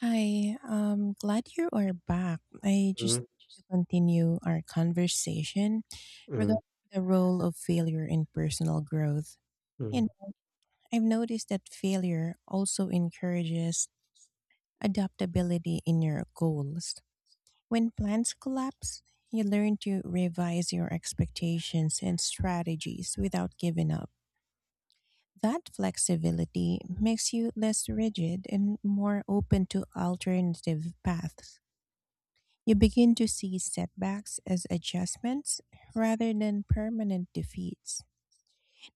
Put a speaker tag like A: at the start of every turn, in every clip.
A: Hi, glad you are back. I just
B: Mm,
A: to continue our conversation
B: mm,
A: regarding the role of failure in personal growth. You
B: mm.
A: know, I've noticed that failure also encourages adaptability in your goals. When plans collapse, you learn to revise your expectations and strategies without giving up. That flexibility makes you less rigid and more open to alternative paths. You begin to see setbacks as adjustments rather than permanent defeats.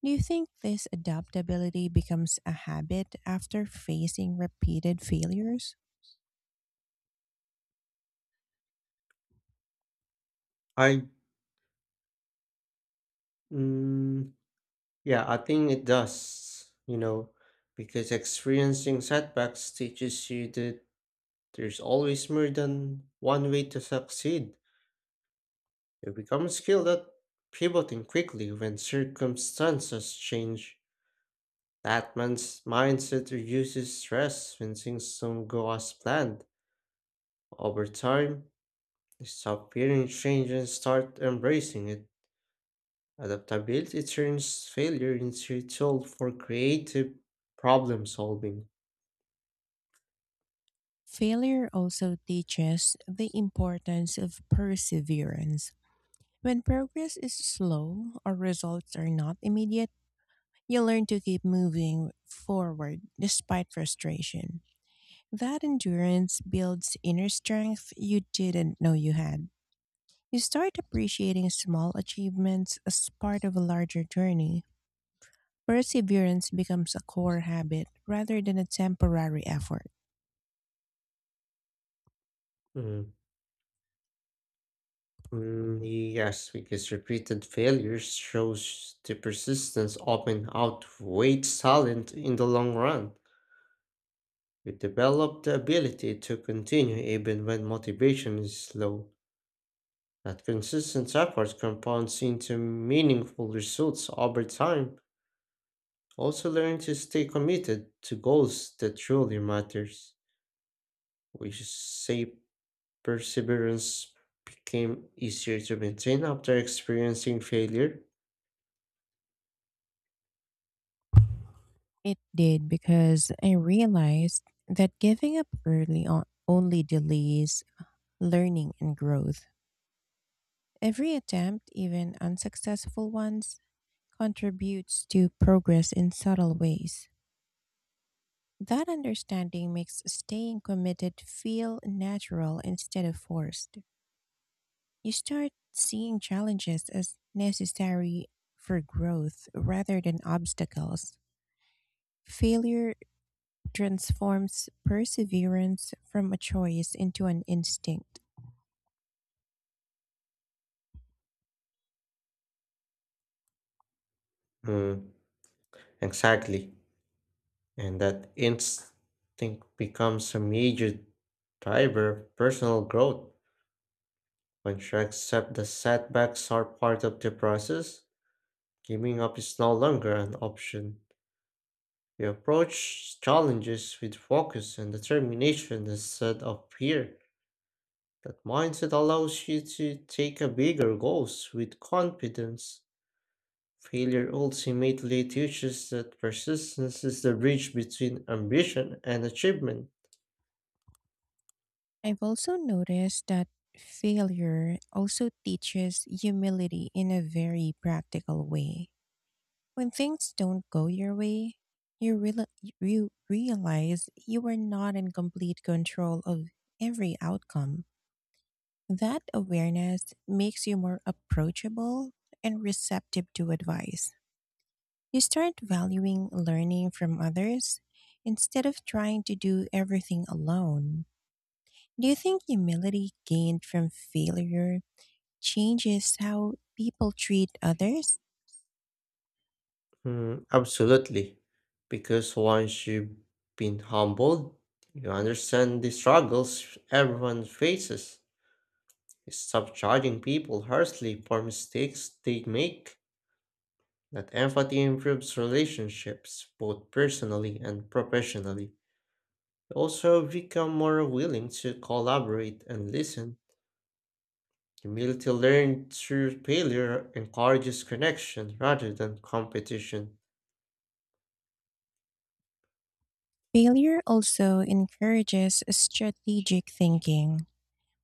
A: Do you think this adaptability becomes a habit after facing repeated failures?
B: I mm, yeah, I think it does, because experiencing setbacks teaches you that there's always more than one way to succeed. You become skilled at pivoting quickly when circumstances change. That man's mindset reduces stress when things don't go as planned. Over time, you stop fearing change and start embracing it. Adaptability turns failure into a tool for creative problem solving.
A: Failure also teaches the importance of perseverance. When progress is slow or results are not immediate, you learn to keep moving forward despite frustration. That endurance builds inner strength you didn't know you had. You start appreciating small achievements as part of a larger journey. Perseverance becomes a core habit rather than a temporary effort.
B: Mm, mm, yes, because repeated failures shows the persistence often outweighs talent in the long run. We develop the ability to continue even when motivation is low. That consistent effort compounds into meaningful results over time. Also learn to stay committed to goals that truly matters. We shape. Perseverance became easier to maintain after experiencing failure.
A: It did because I realized that giving up early on only delays learning and growth. Every attempt, even unsuccessful ones, contributes to progress in subtle ways. That understanding makes staying committed feel natural instead of forced. You start seeing challenges as necessary for growth rather than obstacles. Failure transforms perseverance from a choice into an instinct.
B: Mm, exactly. And that instinct becomes a major driver of personal growth. Once you accept the setbacks are part of the process, giving up is no longer an option. You approach challenges with focus and determination instead of fear. That mindset allows you to take a bigger goals with confidence. Failure ultimately teaches that persistence is the bridge between ambition and achievement.
A: I've also noticed that failure also teaches humility in a very practical way. When things don't go your way, you realize you are not in complete control of every outcome. That awareness makes you more approachable and receptive to advice. You start valuing learning from others instead of trying to do everything alone. Do you think humility gained from failure changes how people treat others?
B: Mm, absolutely. Because once you've been humbled, you understand the struggles everyone faces. You stop judging people harshly for mistakes they make. That empathy improves relationships, both personally and professionally. You also become more willing to collaborate and listen. Humility learned through failure encourages connection rather than competition.
A: Failure also encourages strategic thinking.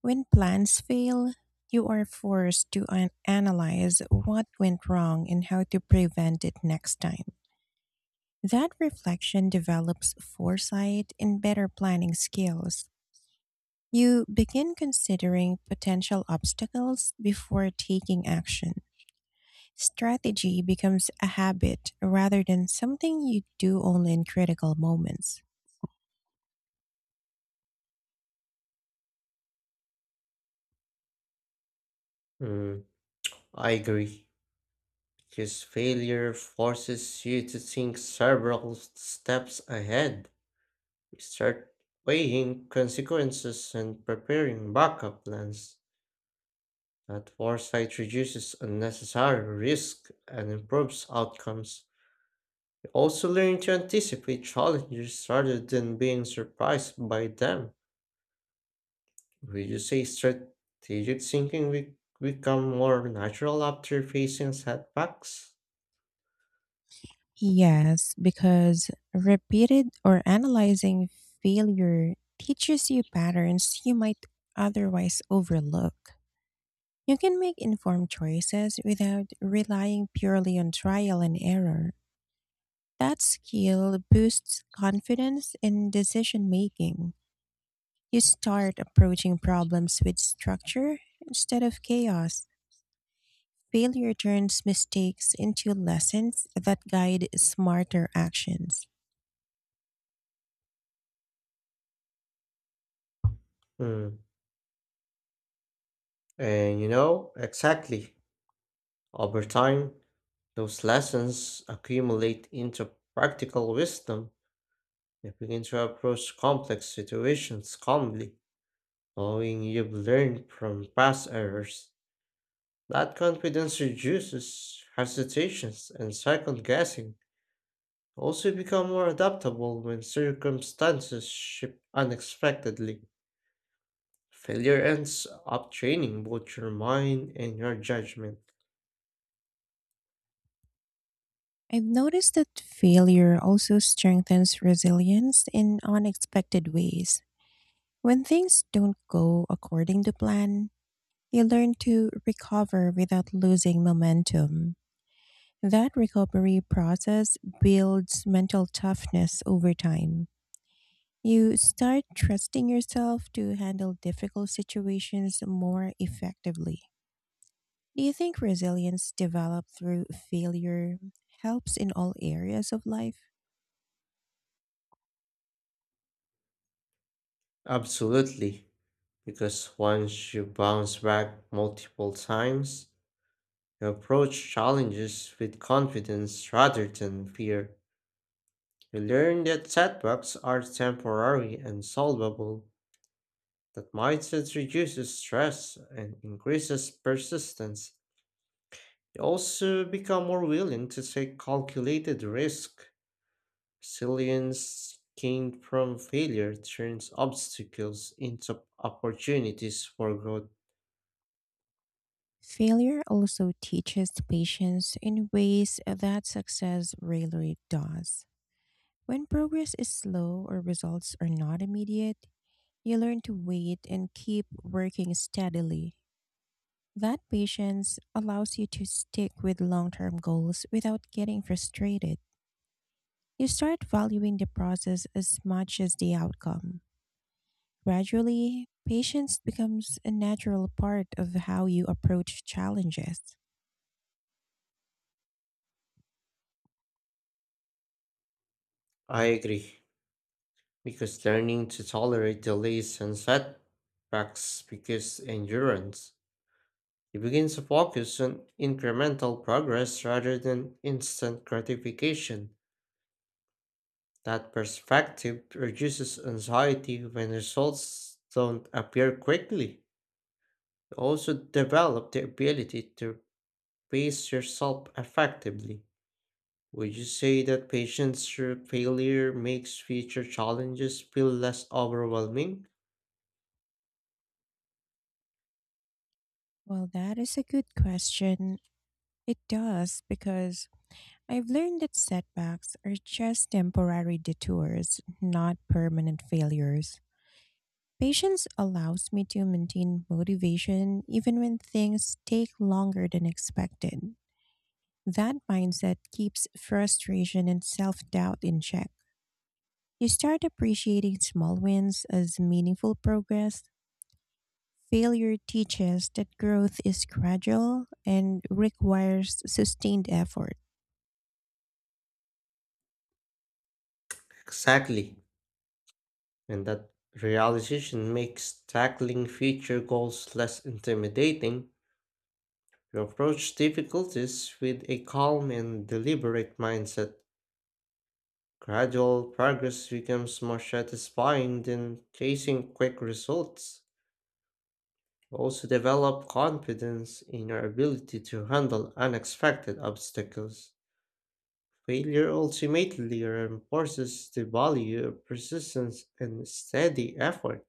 A: When plans fail, you are forced to analyze what went wrong and how to prevent it next time. That reflection develops foresight and better planning skills. You begin considering potential obstacles before taking action. Strategy becomes a habit rather than something you do only in critical moments.
B: Mm, I agree. Because failure forces you to think several steps ahead. You start weighing consequences and preparing backup plans. That foresight reduces unnecessary risk and improves outcomes. You also learn to anticipate challenges rather than being surprised by them. Would you say strategic thinking become more natural after facing setbacks?
A: Yes, because repeated or analyzing failure teaches you patterns you might otherwise overlook. You can make informed choices without relying purely on trial and error. That skill boosts confidence in decision making. You start approaching problems with structure instead of chaos. Failure turns mistakes into lessons that guide smarter actions.
B: Hmm. And exactly. Over time, those lessons accumulate into practical wisdom. You begin to approach complex situations calmly, knowing you've learned from past errors. That confidence reduces hesitations and second guessing. Also become more adaptable when circumstances shift unexpectedly. Failure ends up training both your mind and your judgment.
A: I've noticed that failure also strengthens resilience in unexpected ways. When things don't go according to plan, you learn to recover without losing momentum. That recovery process builds mental toughness over time. You start trusting yourself to handle difficult situations more effectively. Do you think resilience developed through failure helps in all areas of life?
B: Absolutely. Because once you bounce back multiple times, you approach challenges with confidence rather than fear. You learn that setbacks are temporary and solvable. That mindset reduces stress and increases persistence. They also become more willing to take calculated risk. Resilience gained from failure turns obstacles into opportunities for growth.
A: Failure also teaches patience in ways that success rarely does. When progress is slow or results are not immediate, you learn to wait and keep working steadily. That patience allows you to stick with long term goals without getting frustrated. You start valuing the process as much as the outcome. Gradually, patience becomes a natural part of how you approach challenges.
B: I agree, because learning to tolerate delays and setbacks because endurance. You begin to focus on incremental progress rather than instant gratification. That perspective reduces anxiety when results don't appear quickly. You also develop the ability to pace yourself effectively. Would you say that patience through failure makes future challenges feel less overwhelming?
A: Well, that is a good question. It does because I've learned that setbacks are just temporary detours, not permanent failures. Patience allows me to maintain motivation even when things take longer than expected. That mindset keeps frustration and self doubt in check. You start appreciating small wins as meaningful progress. Failure teaches that growth is gradual and requires sustained effort.
B: Exactly. And that realization makes tackling future goals less intimidating. You approach difficulties with a calm and deliberate mindset. Gradual progress becomes more satisfying than chasing quick results. Also, develop confidence in your ability to handle unexpected obstacles. Failure ultimately reinforces the value of persistence and steady effort.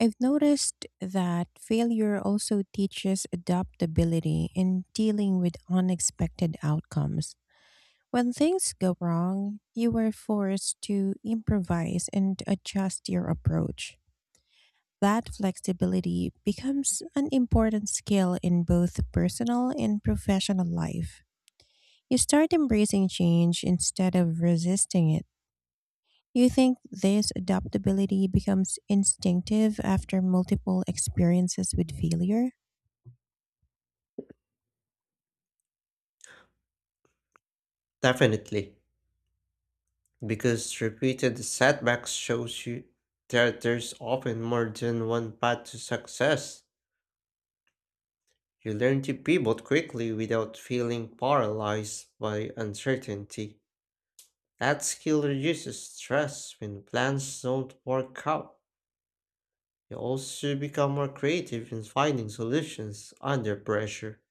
A: I've noticed that failure also teaches adaptability in dealing with unexpected outcomes. When things go wrong, you were forced to improvise and adjust your approach. That flexibility becomes an important skill in both personal and professional life. You start embracing change instead of resisting it. You think this adaptability becomes instinctive after multiple experiences with failure?
B: Definitely, because repeated setbacks shows you that there's often more than one path to success. You learn to pivot quickly without feeling paralyzed by uncertainty. That skill reduces stress when plans don't work out. You also become more creative in finding solutions under pressure.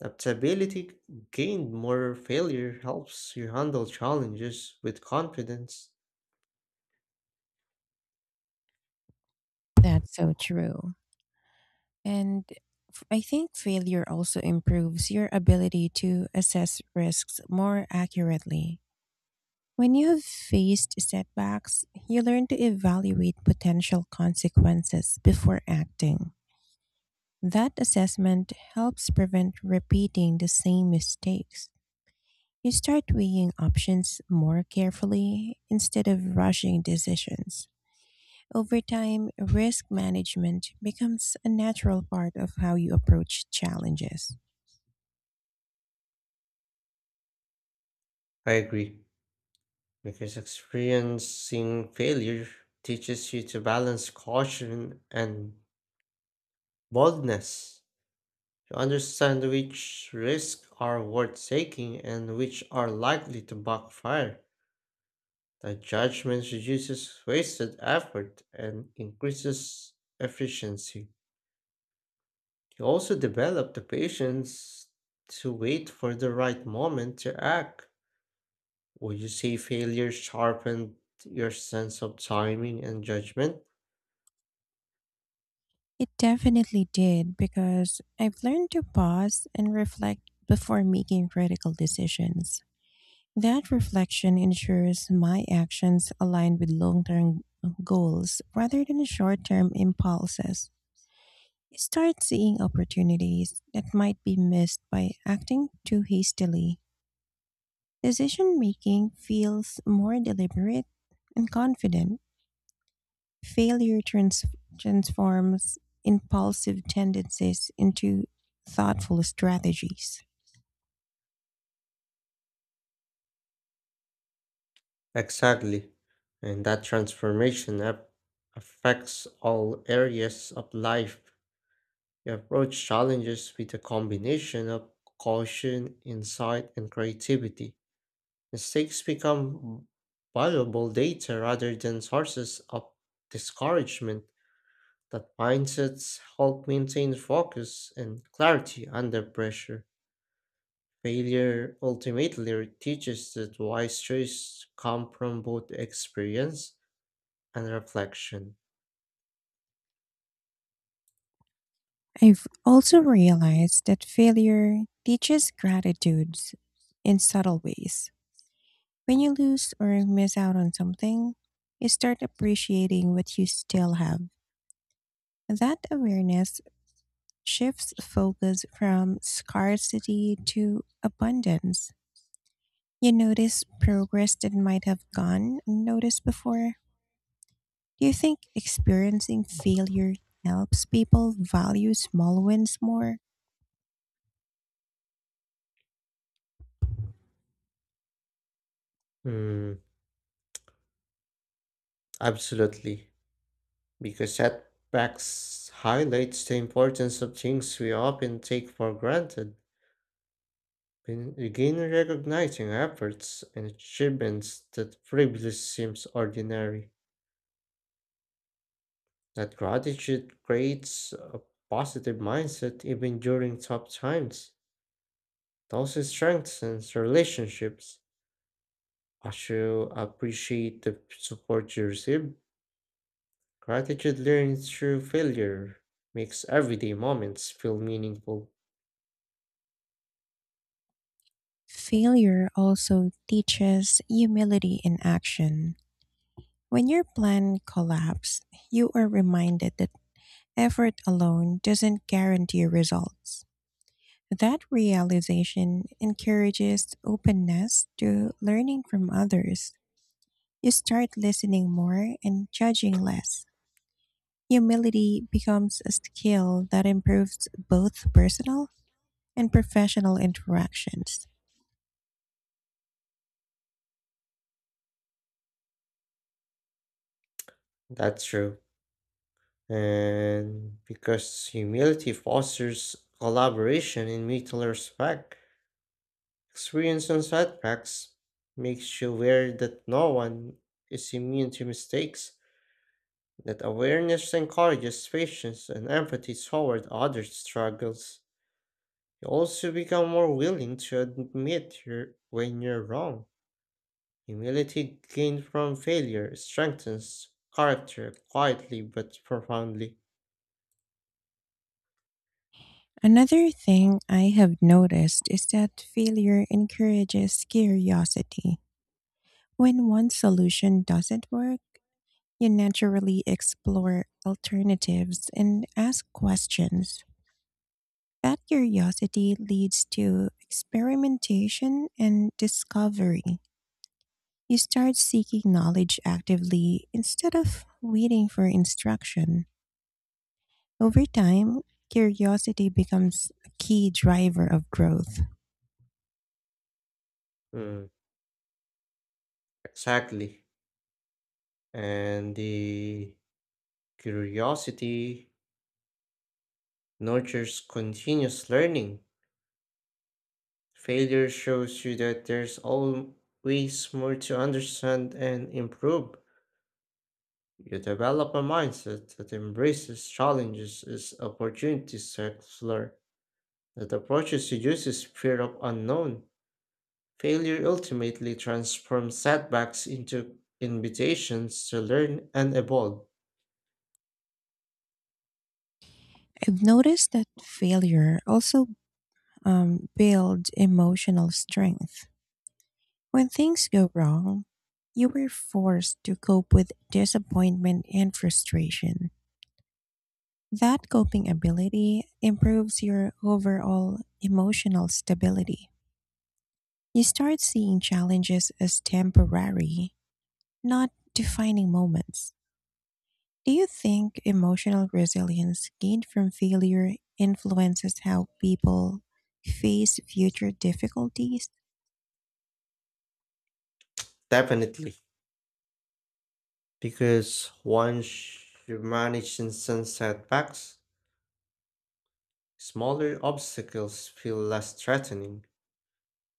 B: Adaptability gained more failure helps you handle challenges with confidence.
A: That's so true. And I think failure also improves your ability to assess risks more accurately. When you have faced setbacks, you learn to evaluate potential consequences before acting. That assessment helps prevent repeating the same mistakes. You start weighing options more carefully instead of rushing decisions. Over time, risk management becomes a natural part of how you approach challenges.
B: I agree, because experiencing failure teaches you to balance caution and boldness. You understand which risks are worth taking and which are likely to backfire. The judgment reduces wasted effort and increases efficiency. You also develop the patience to wait for the right moment to act. Would you say failure sharpened your sense of timing and judgment?
A: It definitely did because I've learned to pause and reflect before making critical decisions. That reflection ensures my actions align with long term goals rather than short term impulses. You start seeing opportunities that might be missed by acting too hastily. Decision making feels more deliberate and confident. Failure trans- transforms impulsive tendencies into thoughtful strategies.
B: Exactly. And that transformation affects all areas of life. You approach challenges with a combination of caution, insight, and creativity. Mistakes become valuable data rather than sources of discouragement. That mindsets help maintain focus and clarity under pressure. Failure ultimately teaches that wise choices come from both experience and reflection.
A: I've also realized that failure teaches gratitude in subtle ways. When you lose or miss out on something, you start appreciating what you still have. That awareness shifts focus from scarcity to abundance. You notice progress that might have gone unnoticed before. Do you think experiencing failure helps people value small wins more?
B: Hmm, absolutely. Because setbacks highlights the importance of things we often take for granted. Begin begin recognizing efforts and achievements that previously seems ordinary. That gratitude creates a positive mindset even during tough times. It also strengthens relationships. As you appreciate the support you receive, gratitude learned through failure makes everyday moments feel meaningful.
A: Failure also teaches humility in action. When your plan collapses, you are reminded that effort alone doesn't guarantee results. That realization encourages openness to learning from others. You start listening more and judging less. Humility becomes a skill that improves both personal and professional interactions.
B: That's true. And because humility fosters collaboration and mutual respect, experience on setbacks makes you aware that no one is immune to mistakes. That awareness encourages patience and empathy toward others' struggles. You also become more willing to admit your, when you're wrong. Humility gained from failure strengthens character quietly but profoundly.
A: Another thing I have noticed is that failure encourages curiosity. When one solution doesn't work, you naturally explore alternatives and ask questions. That curiosity leads to experimentation and discovery. You start seeking knowledge actively instead of waiting for instruction. Over time, curiosity becomes a key driver of growth.
B: Mm, exactly. And the curiosity nurtures continuous learning. Failure shows you that there's always more to understand and improve. You develop a mindset that embraces challenges as opportunities to explore, that approaches to uses fear of unknown. Failure ultimately transforms setbacks into invitations to learn and evolve.
A: I've noticed that failure also builds emotional strength. When things go wrong, you were forced to cope with disappointment and frustration. That coping ability improves your overall emotional stability. You start seeing challenges as temporary, not defining moments. Do you think emotional resilience gained from failure influences how people face future difficulties?
B: Definitely. Because once you manage instant setbacks, smaller obstacles feel less threatening.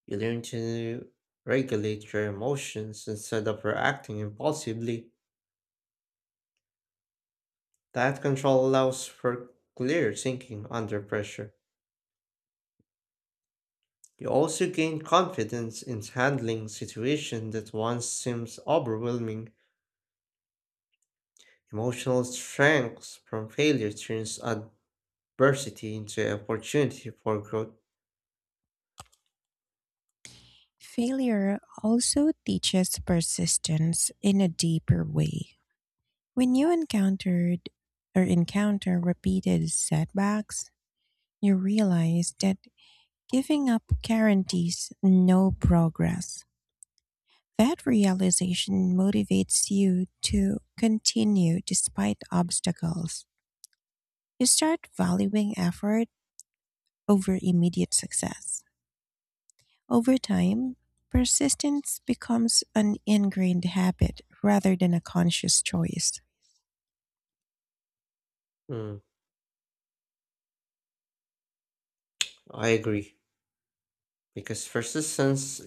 B: You learn to regulate your emotions instead of reacting impulsively. That control allows for clear thinking under pressure. You also gain confidence in handling situations that once seems overwhelming. Emotional strength from failure turns adversity into opportunity for growth.
A: Failure also teaches persistence in a deeper way. When you encountered or encounter repeated setbacks, you realize that giving up guarantees no progress. That realization motivates you to continue despite obstacles. You start valuing effort over immediate success. Over time, persistence becomes an ingrained habit rather than a conscious choice.
B: Mm, I agree. Because persistence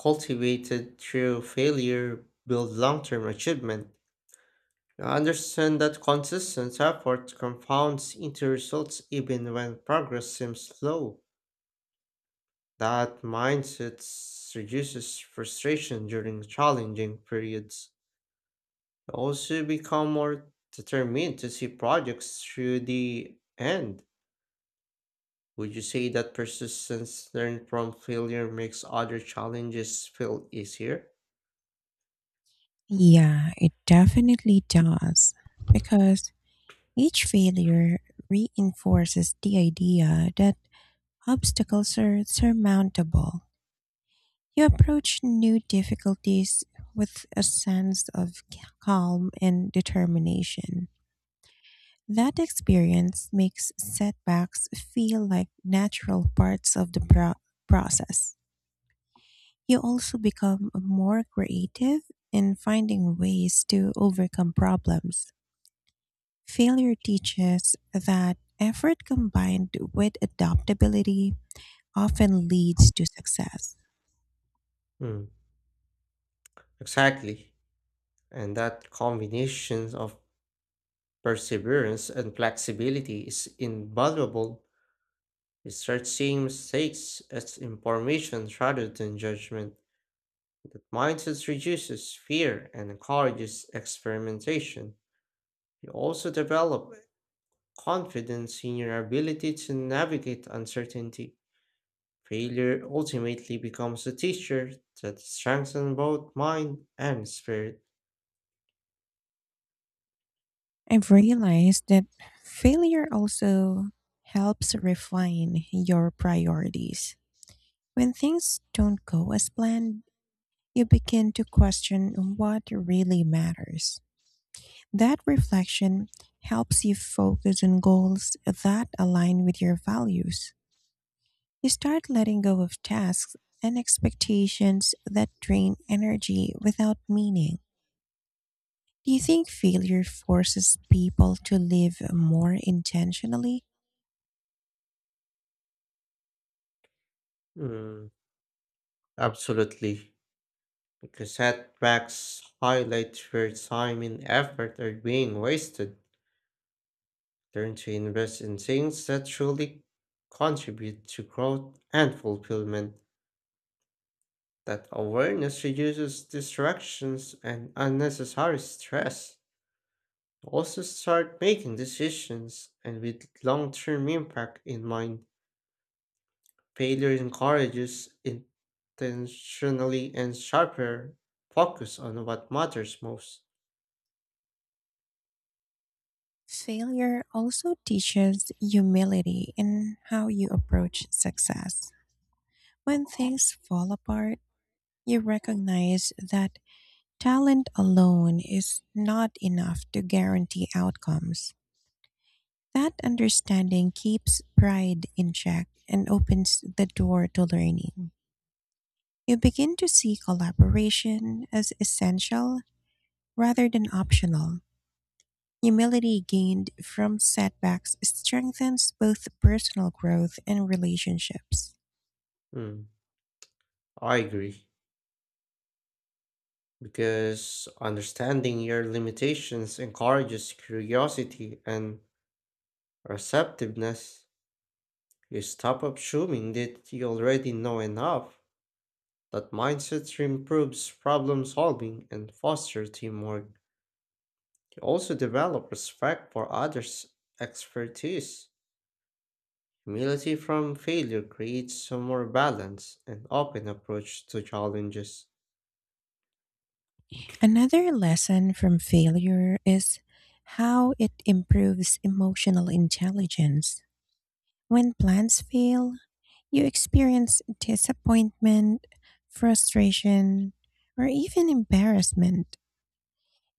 B: cultivated through failure builds long-term achievement. I understand that consistent effort compounds into results even when progress seems slow. That mindset reduces frustration during challenging periods. You also become more determined to see projects through the end. Would you say that persistence learned from failure makes other challenges feel easier?
A: Yeah, it definitely does. Because each failure reinforces the idea that obstacles are surmountable. You approach new difficulties with a sense of calm and determination. That experience makes setbacks feel like natural parts of the process. You also become more creative in finding ways to overcome problems. Failure teaches that effort combined with adaptability often leads to success.
B: Mm, exactly. And that combination of Perseverance and flexibility is invaluable. Research seeing mistakes as information rather than judgment. That mindset reduces fear and encourages experimentation. You also develop confidence in your ability to navigate uncertainty. Failure ultimately becomes a teacher that strengthens both mind and spirit.
A: I've realized that failure also helps refine your priorities. When things don't go as planned, you begin to question what really matters. That reflection helps you focus on goals that align with your values. You start letting go of tasks and expectations that drain energy without meaning. Do you think failure forces people to live more intentionally?
B: Mm, absolutely. Because setbacks highlight where time and effort are being wasted. Learn to invest in things that truly contribute to growth and fulfillment. That awareness reduces distractions and unnecessary stress. Also, start making decisions and with long term impact in mind. Failure encourages intentionally and sharper focus on what matters most.
A: Failure also teaches humility in how you approach success. When things fall apart, you recognize that talent alone is not enough to guarantee outcomes. That understanding keeps pride in check and opens the door to learning. You begin to see collaboration as essential rather than optional. Humility gained from setbacks strengthens both personal growth and relationships.
B: Hmm, I agree. Because understanding your limitations encourages curiosity and receptiveness. You stop assuming that you already know enough. That mindset improves problem solving and fosters teamwork. You also develop respect for others' expertise. Humility from failure creates a more balanced and open approach to challenges.
A: Another lesson from failure is how it improves emotional intelligence. When plans fail, you experience disappointment, frustration, or even embarrassment.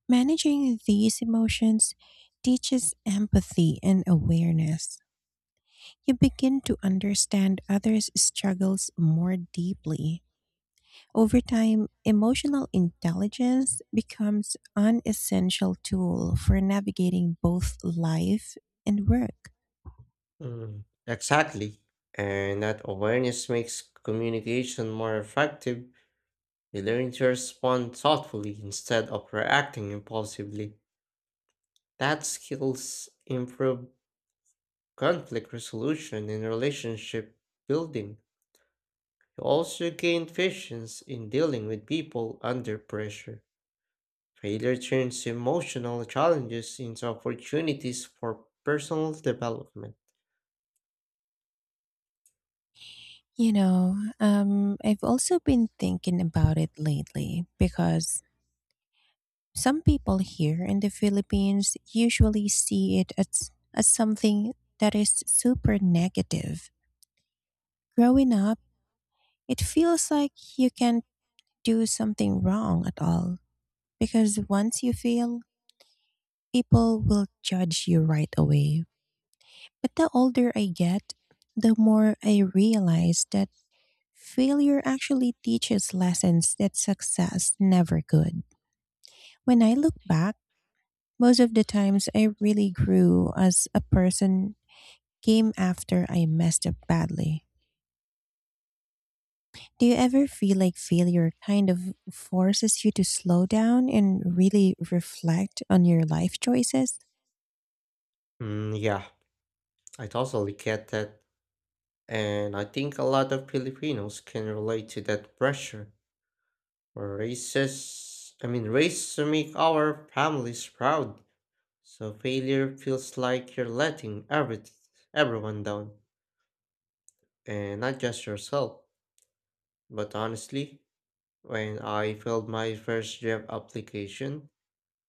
A: Managing these emotions teaches empathy and awareness. You begin to understand others' struggles more deeply. Over time, emotional intelligence becomes an essential tool for navigating both life and work.
B: Mm, exactly. And that awareness makes communication more effective. You learn to respond thoughtfully instead of reacting impulsively. That skills improve conflict resolution and relationship building. You also gain patience in dealing with people under pressure. Failure turns emotional challenges into opportunities for personal development.
A: You know, I've also been thinking about it lately because some people here in the Philippines usually see it as something that is super negative. Growing up, it feels like you can't do something wrong at all because once you fail, people will judge you right away. But the older I get, the more I realize that failure actually teaches lessons that success never could. When I look back, most of the times I really grew as a person came after I messed up badly. Do you ever feel like failure kind of forces you to slow down and really reflect on your life choices?
B: Mm, yeah, I totally get that. And I think a lot of Filipinos can relate to that pressure. Races, I mean, race to make our families proud. So failure feels like you're letting everyone down, and not just yourself. But honestly, when I filled my first job application,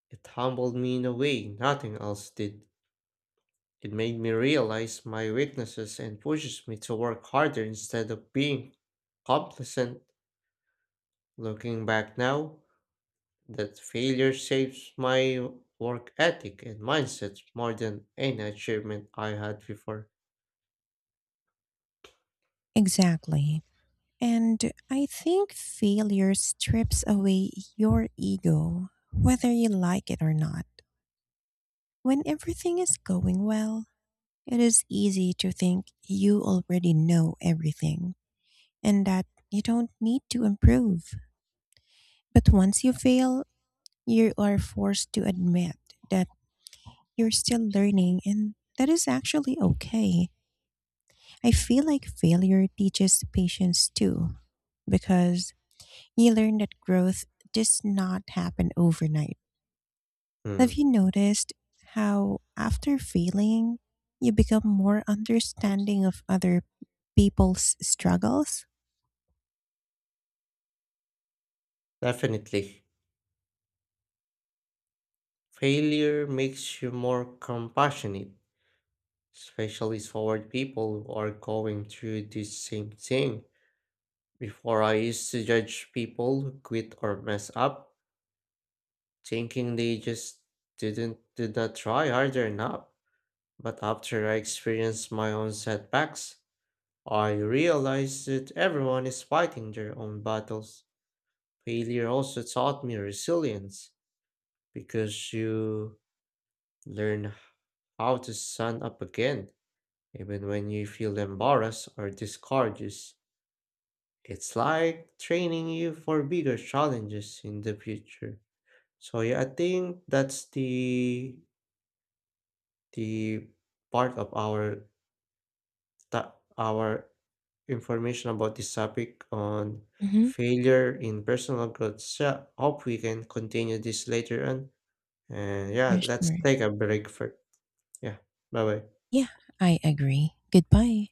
B: it humbled me in a way nothing else did. It made me realize my weaknesses and pushes me to work harder instead of being complacent. Looking back now, that failure shapes my work ethic and mindset more than any achievement I had before.
A: Exactly. And I think failure strips away your ego, whether you like it or not. When everything is going well, it is easy to think you already know everything and that you don't need to improve. But once you fail, you are forced to admit that you're still learning and that is actually okay. I feel like failure teaches patience too, because you learn that growth does not happen overnight. Have
B: Hmm,
A: you noticed how after failing, you become more understanding of other people's struggles?
B: definitely. Failure makes you more compassionate, especially toward people who are going through this same thing. Before, I used to judge people who quit or mess up, thinking they just did not try hard enough. But after I experienced my own setbacks, I realized that everyone is fighting their own battles. Failure also taught me resilience because you learn how to stand up again, even when you feel embarrassed or discouraged. It's like training you for bigger challenges in the future. So yeah, I think that's the part of our information about this topic on
A: Mhm,
B: failure in personal growth. So, hope we can continue this later on. And
A: for
B: yeah, let's
A: sure.
B: take a break for, yeah. Bye bye.
A: Yeah, I agree. Goodbye.